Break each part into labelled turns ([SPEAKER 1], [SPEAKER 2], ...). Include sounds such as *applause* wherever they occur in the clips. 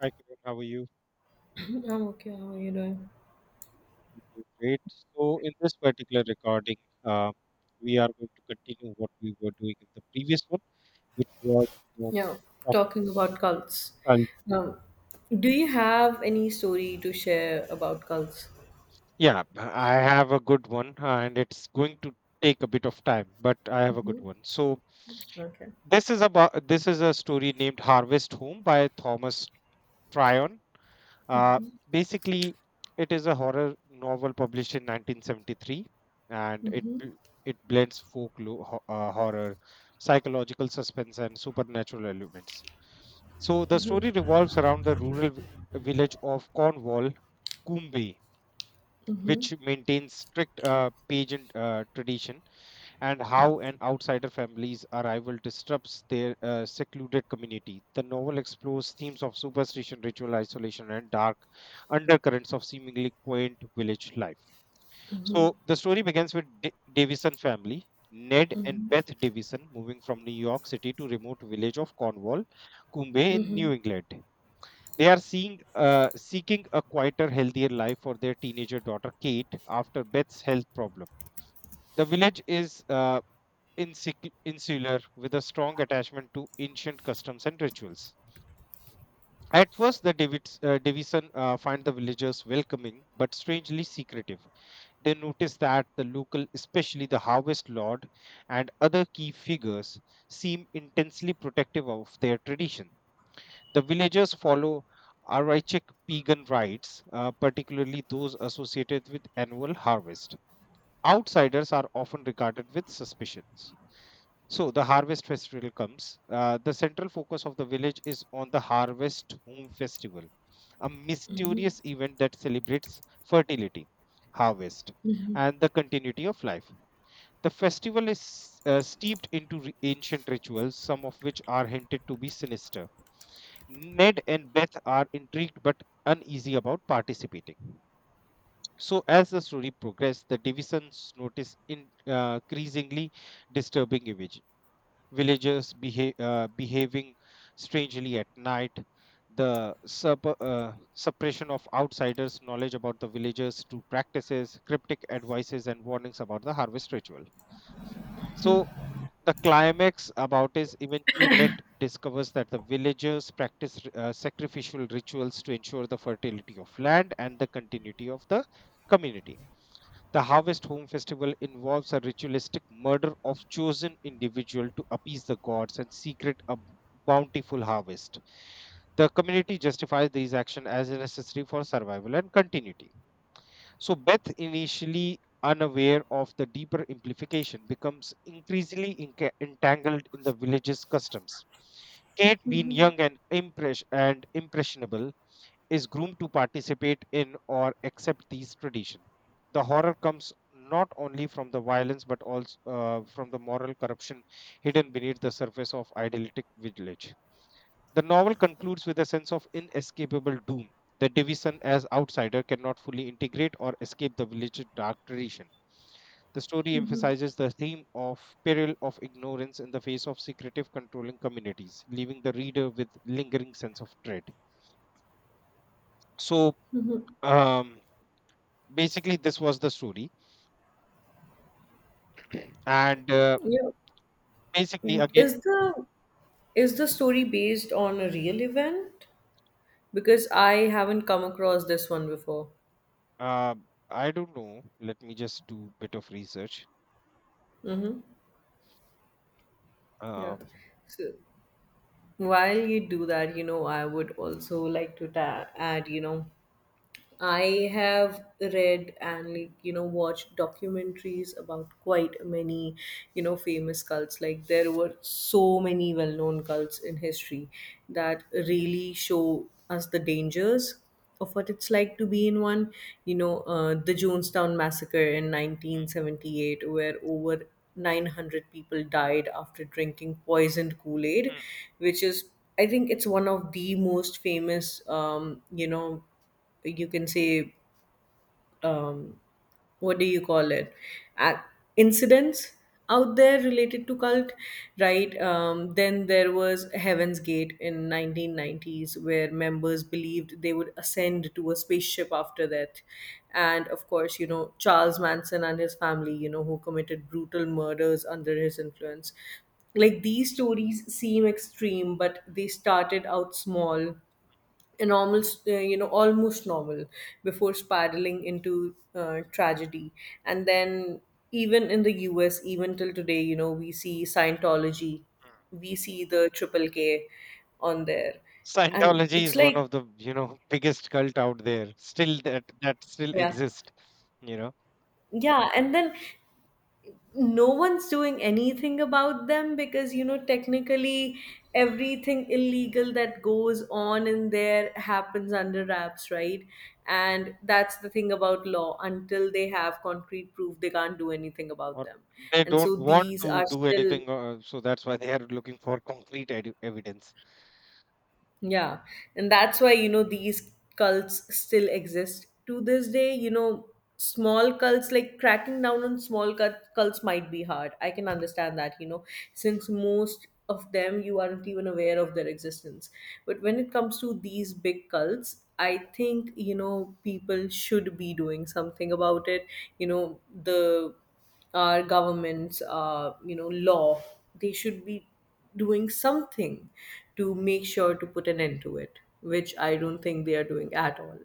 [SPEAKER 1] Hi, Kiran. How are you?
[SPEAKER 2] I'm okay. How are you doing?
[SPEAKER 1] I'm doing great. So, in this particular recording, uh, we are going to continue what we were doing in the previous one, which was, you know,
[SPEAKER 2] Yeah,
[SPEAKER 1] talk-
[SPEAKER 2] talking about cults.
[SPEAKER 1] and
[SPEAKER 2] Um, do you have any story to share about cults?
[SPEAKER 1] yeah, I have a good one, and it's going to take a bit of time, but I have a good one. So,
[SPEAKER 2] Okay.
[SPEAKER 1] this is a story named "Harvest Home" by Thomas Tryon. Uh, Basically, it is a horror novel published in 1973, and it blends folklore, horror, psychological suspense, and supernatural elements. So the story revolves around the rural village of Cornwall, Coombey,
[SPEAKER 2] Mm-hmm.
[SPEAKER 1] which maintains strict pageant tradition and how an outsider family's arrival disrupts their secluded community. The novel explores themes of superstition, ritual isolation, and dark undercurrents of seemingly quaint village life. So the story begins with Davison family. Ned and Beth Davison moving from New York City to remote village of Cornwall, Cumbay in New England. They are seeking a quieter, healthier life for their teenager daughter Kate after Beth's health problem. The village is insular with a strong attachment to ancient customs and rituals. At first, the Davison find the villagers welcoming but strangely secretive. They notice that the local, especially the harvest lord and other key figures, seem intensely protective of their tradition. The villagers follow Archaic pagan rites, particularly those associated with annual harvest. Outsiders are often regarded with suspicions. So the harvest festival comes. The central focus of the village is on the harvest home festival, a mysterious event that celebrates fertility, harvest, and the continuity of life. The festival is steeped into ancient rituals, some of which are hinted to be sinister. Ned and Beth are intrigued but uneasy about participating. So, as the story progresses, the divisions notice increasingly disturbing image villagers behaving strangely at night, the suppression of outsiders' knowledge about the villagers' true practices, cryptic advices, and warnings about the harvest ritual. So, the climax about is eventually Ned discovers that the villagers practice sacrificial rituals to ensure the fertility of land and the continuity of the community. The Harvest Home Festival involves a ritualistic murder of chosen individual to appease the gods and secret a bountiful harvest. The community justifies these actions as necessary for survival and continuity. So Beth, initially unaware of the deeper implication, becomes increasingly entangled in the village's customs. Kate, being young and impressionable, is groomed to participate in or accept these traditions. The horror comes not only from the violence but also from the moral corruption hidden beneath the surface of idyllic village. The novel concludes with a sense of inescapable doom. The division as outsider cannot fully integrate or escape the village's dark tradition. The story emphasizes the theme of peril of ignorance in the face of secretive controlling communities, leaving the reader with lingering sense of dread. So, um, basically this was the story and
[SPEAKER 2] Yeah.
[SPEAKER 1] basically again
[SPEAKER 2] Is the is the story based on a real event? Because I haven't come across this one before.
[SPEAKER 1] uh, I don't know, let me just do a bit of research.
[SPEAKER 2] Mm-hmm. Yeah.
[SPEAKER 1] uh,
[SPEAKER 2] So while you do that, you know, I would also like to add, you know, I have read and, like, you know, watched documentaries about quite many, you know, famous cults. Like, there were so many well-known cults in history that really show us the dangers of what it's like to be in one. You know, the Jonestown massacre in
[SPEAKER 1] Hmm,
[SPEAKER 2] 1978, where over 900 people died after drinking poisoned Kool Aid,
[SPEAKER 1] hmm,
[SPEAKER 2] which is, I think, it's one of the most famous, you know, you can say,
[SPEAKER 1] hmm.
[SPEAKER 2] um, what do you call it, uh, incidents out there related to cult, right? Then there was Heaven's Gate in 1990s, where members believed they would ascend to a spaceship after that. And of course, you know, Charles Manson and his family, you know, who committed brutal murders under his influence. Like, these stories seem extreme, but they started out small, an almost, you know, almost novel before spiraling into tragedy. And then even in the US, even till today, you know, we see Scientology, we see the Triple K on there. And
[SPEAKER 1] Scientology
[SPEAKER 2] it's
[SPEAKER 1] is one
[SPEAKER 2] like,
[SPEAKER 1] of the, you know, *laughs* biggest cult out there still, that still
[SPEAKER 2] yeah.
[SPEAKER 1] exist, you know.
[SPEAKER 2] Yeah, and then no one's doing anything about them, because, you know, technically everything illegal that goes on in there happens under wraps, right? And that's the thing about law: until they have concrete proof, they can't do anything about
[SPEAKER 1] Or
[SPEAKER 2] them.
[SPEAKER 1] they
[SPEAKER 2] And
[SPEAKER 1] don't
[SPEAKER 2] so
[SPEAKER 1] want
[SPEAKER 2] these
[SPEAKER 1] to
[SPEAKER 2] are
[SPEAKER 1] do
[SPEAKER 2] still.
[SPEAKER 1] anything, so that's why they are looking for concrete evidence.
[SPEAKER 2] Yeah, and that's why, you know, these cults still exist to this day. You know, small cults, like, cracking down on small cults might be hard. I can understand that, you know, since most of them you aren't even aware of their existence. But when it comes to these big cults, I think, you know, people should be doing something about it. The our governments, you know, law, they should be doing something to make sure to put an end to it, which I don't think they are doing at all.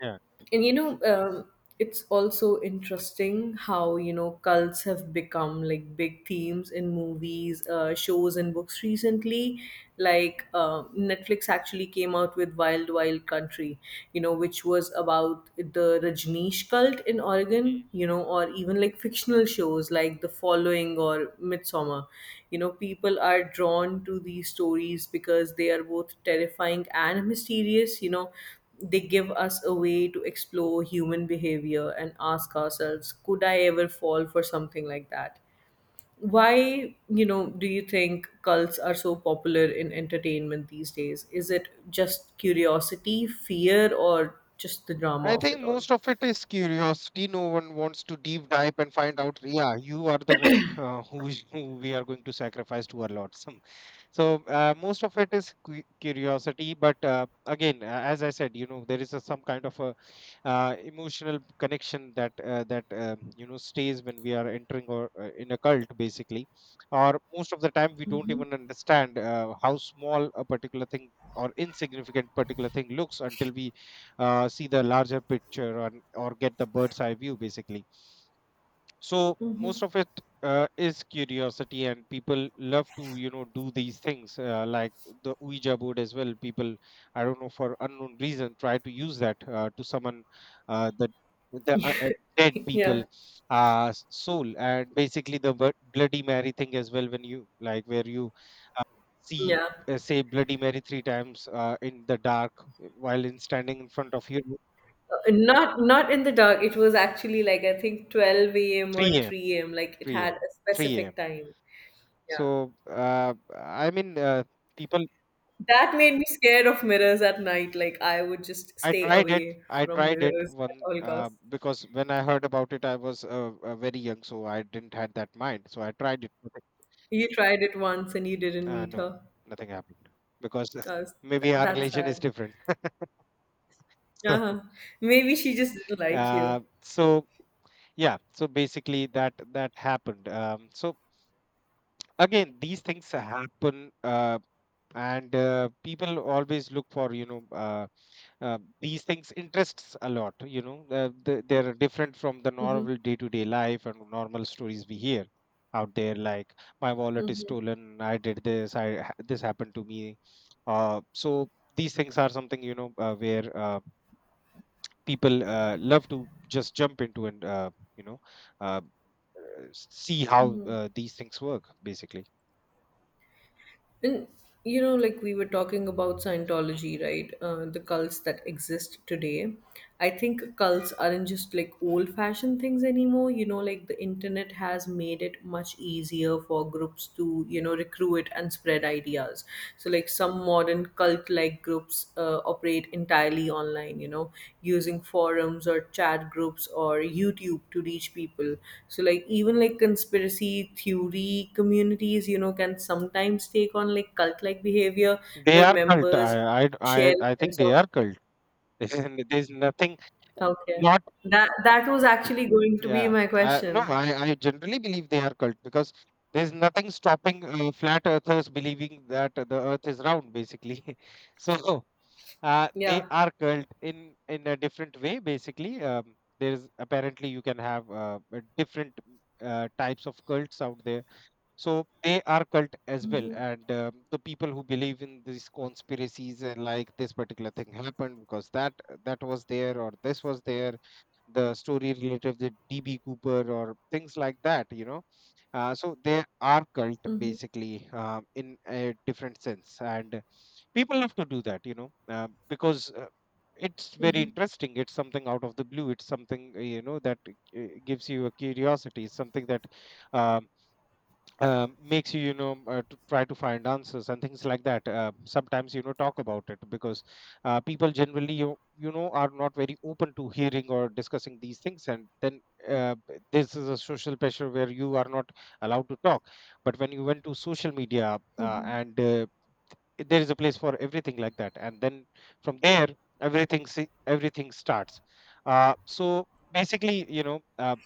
[SPEAKER 1] Yeah.
[SPEAKER 2] And you know, it's also interesting how, you know, cults have become like big themes in movies, shows, and books recently. like uh, Netflix actually came out with Wild Wild Country, you know, which was about the Rajneesh cult in Oregon, you know, or even like fictional shows like The Following or Midsummer. You know, people are drawn to these stories because they are both terrifying and mysterious, you know. They give us a way to explore human behavior and ask ourselves, could I ever fall for something like that? Why? You know, do you think cults are so popular in entertainment these days? Is it just curiosity, fear, or just the drama
[SPEAKER 1] I
[SPEAKER 2] of
[SPEAKER 1] think
[SPEAKER 2] it all?
[SPEAKER 1] most of it is curiosity. No one wants to deep dive and find out. Yeah, you are the one, who, who we are going to sacrifice to our lot. Some, so most of it is curiosity. But again, as I said, you know, there is a, some kind of a emotional connection that that you know, stays when we are entering or in a cult basically. Or most of the time we don't even understand how small a particular thing or insignificant particular thing looks until we see the larger picture, or get the bird's eye view basically. So
[SPEAKER 2] Hmm.
[SPEAKER 1] most of it is curiosity and people love to, you know, do these things, like the ouija board as well. People, I don't know, for unknown reason try to use that to summon uh, the the dead
[SPEAKER 2] *laughs*
[SPEAKER 1] people
[SPEAKER 2] Yeah.
[SPEAKER 1] uh s- soul, and basically the bloody mary thing as well, when you like, where you see,
[SPEAKER 2] Yeah.
[SPEAKER 1] say bloody mary three times in the dark while in standing in front of you.
[SPEAKER 2] Not in the dark. It was actually like, I think, 12 a.m. or
[SPEAKER 1] 3 a.m,
[SPEAKER 2] 3 a.m., like it
[SPEAKER 1] 3
[SPEAKER 2] had
[SPEAKER 1] a.m,
[SPEAKER 2] a
[SPEAKER 1] 3 a.m.
[SPEAKER 2] specific time. Yeah.
[SPEAKER 1] So, I mean, people,
[SPEAKER 2] That made me scared of mirrors at night. Like, I would just
[SPEAKER 1] I
[SPEAKER 2] stay
[SPEAKER 1] tried it.
[SPEAKER 2] away
[SPEAKER 1] I
[SPEAKER 2] from
[SPEAKER 1] tried it
[SPEAKER 2] mirrors at
[SPEAKER 1] one,
[SPEAKER 2] all costs.
[SPEAKER 1] because when I heard about it, I was very young, so I didn't had that mind. So I tried it. Nothing,
[SPEAKER 2] You tried it once and you didn't meet
[SPEAKER 1] no,
[SPEAKER 2] her.
[SPEAKER 1] nothing happened because *laughs*
[SPEAKER 2] I was,
[SPEAKER 1] maybe our
[SPEAKER 2] that's
[SPEAKER 1] relation is
[SPEAKER 2] sad.
[SPEAKER 1] different.
[SPEAKER 2] Uh-huh.
[SPEAKER 1] *laughs*
[SPEAKER 2] Maybe she just didn't like you.
[SPEAKER 1] So yeah, so basically that happened. So again, these things happen, and people always look for, you know. These things interests a lot, you know, they're different from the
[SPEAKER 2] Mm-hmm.
[SPEAKER 1] normal day-to-day life and normal stories we hear out there, like my wallet is
[SPEAKER 2] Mm-hmm.
[SPEAKER 1] stolen, I did this, I this happened to me. So these things are something, you know, where people love to just jump into, and you know uh, see how
[SPEAKER 2] Mm-hmm.
[SPEAKER 1] these things work basically.
[SPEAKER 2] And you know, like, we were talking about Scientology, right? The cults that exist today. I think cults aren't just like old fashioned things anymore. You know, like, the internet has made it much easier for groups to, you know, recruit and
[SPEAKER 1] Mm, mm,
[SPEAKER 2] spread ideas. So, like, some modern cult like groups operate
[SPEAKER 1] mm.
[SPEAKER 2] entirely online, you know, using forums or chat groups or YouTube to reach people. So like, even like conspiracy theory communities, you know, can sometimes take on like cult like behavior
[SPEAKER 1] They
[SPEAKER 2] where
[SPEAKER 1] are cult.
[SPEAKER 2] members
[SPEAKER 1] I i,
[SPEAKER 2] share a
[SPEAKER 1] I think
[SPEAKER 2] sense
[SPEAKER 1] they
[SPEAKER 2] of.
[SPEAKER 1] are cult. *laughs* There's nothing
[SPEAKER 2] Okay,
[SPEAKER 1] not.
[SPEAKER 2] that was actually going to be
[SPEAKER 1] Yeah.
[SPEAKER 2] my
[SPEAKER 1] No,
[SPEAKER 2] question.
[SPEAKER 1] I generally believe they are cult because there's nothing stopping flat earthers believing that the earth is round, basically. *laughs* So they
[SPEAKER 2] Yeah.
[SPEAKER 1] are cult in a different way, basically. There's apparently you can have different types of cults out there. So they are cult as well, and the people who believe in these conspiracies and like this particular thing happened because that was there or this was there, the story related to DB Cooper or things like that, you know. So they are cult basically in a different sense, and people have to do that, you know, because it's very interesting. It's something out of the blue. It's something, you know, that gives you a curiosity. It's something that um, makes you, you know, to try to find answers and things like that. Sometimes, you know, talk about it because people generally you know are not very open to hearing or discussing these things, and then this is a social pressure where you are not allowed to talk. But when you went to social media, and there is a place for everything like that, and then from there everything everything starts. So basically, you know, uh,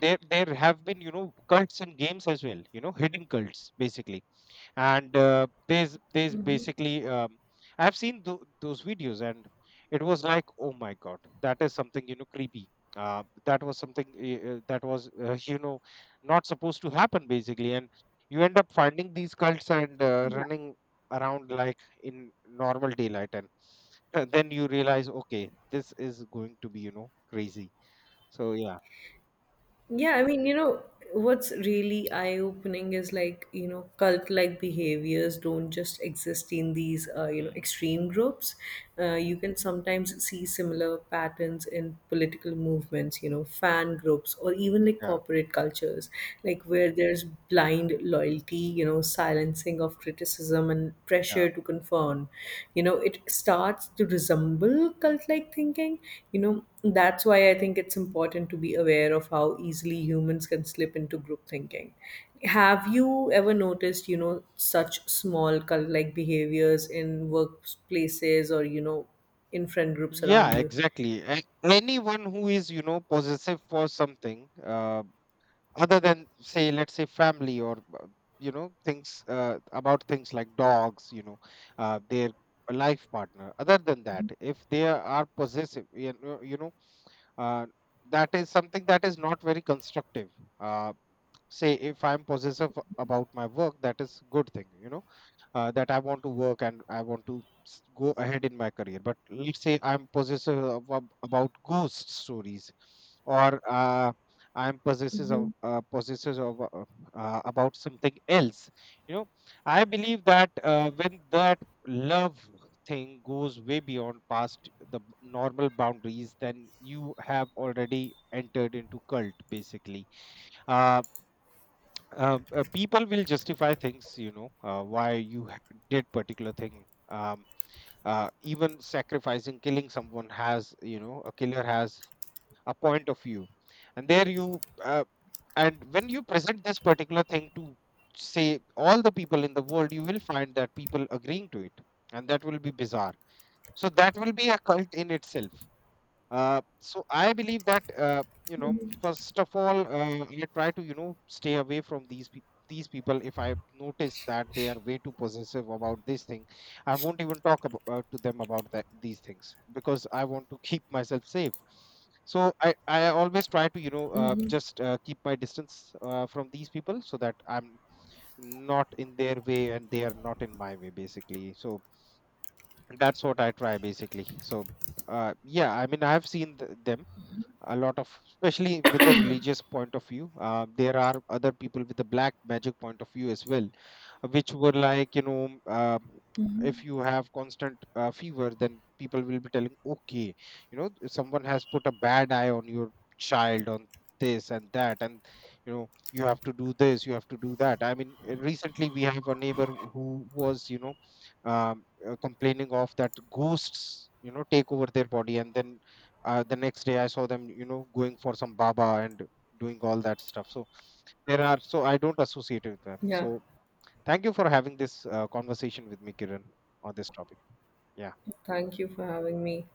[SPEAKER 1] there there have been, you know, cults in games as well, you know, hidden cults basically. And there's basically I've seen those videos and it was like, oh my god, that is something, you know, creepy, that was something that was *laughs* you know, not supposed to happen basically, and you end up finding these cults and running around like in normal daylight, and *laughs* then you realize, okay, this is going to be, you know, crazy. So yeah.
[SPEAKER 2] Yeah, I mean, you know, what's really eye-opening is, like, you know, cult-like behaviors don't just exist in these, you know,
[SPEAKER 1] Hmm.
[SPEAKER 2] extreme groups. You can sometimes see similar patterns in political movements, you know, fan groups, or even like
[SPEAKER 1] Yeah,
[SPEAKER 2] corporate cultures, like where there's blind loyalty, you know, silencing of criticism and
[SPEAKER 1] yeah.
[SPEAKER 2] pressure to conform. You know, it starts to resemble cult like thinking, you know. That's why I think it's important to be aware of how easily humans can slip into group thinking. Have you ever noticed, you know, such small cult like behaviors in workplaces or, you know, in friend groups around
[SPEAKER 1] Yeah,
[SPEAKER 2] you?
[SPEAKER 1] exactly. And anyone who is, you know, possessive for something, other than, say, let's say family or, you know, things about things like dogs, you know, their life partner. Other than that, if they are possessive, you know, uh, that is something that is not very constructive. Uh, Say, if I'm possessive about my work, that is good thing, you know, that I want to work and I want to go ahead in my career. But let's say I'm possessive about ghost stories, or I'm possessive of
[SPEAKER 2] Hmm.
[SPEAKER 1] about something else. You know, I believe that when that love thing goes way beyond past the normal boundaries, then you have already entered into cult, basically. Uh, People will justify things, you know, why you did particular thing, even sacrificing killing someone has, you know, a killer has a point of view. And there you and when you present this particular thing to say all the people in the world, you will find that people agreeing to it, and that will be bizarre. So that will be a cult in itself. So I believe that, you know, first of all, I try to, you know, stay away from these these people. If I notice that they are way too possessive about this thing, I won't even talk about, to them about that these things, because I want to keep myself safe. So I always try to, you know, just keep my distance from these people so that I'm not in their way and they are not in my way basically. So that's what I try basically. So yeah, I mean, I've seen them a lot of, especially with the religious point of view. There are other people with the black magic point of view as well, which were like, you know, if you have constant fever, then people will be telling, okay, you know, someone has put a bad eye on your child, on this and that. And you know, you have to do this, you have to do that. I mean, recently we have a neighbor who was, you know, complaining of that ghosts, you know, take over their body, and then the next day I saw them, you know, going for some baba and doing all that stuff. So there are, so I don't associate with them.
[SPEAKER 2] Yeah,
[SPEAKER 1] So thank you for having this conversation with me, Kiran, on this topic. Yeah.
[SPEAKER 2] thank you for having me.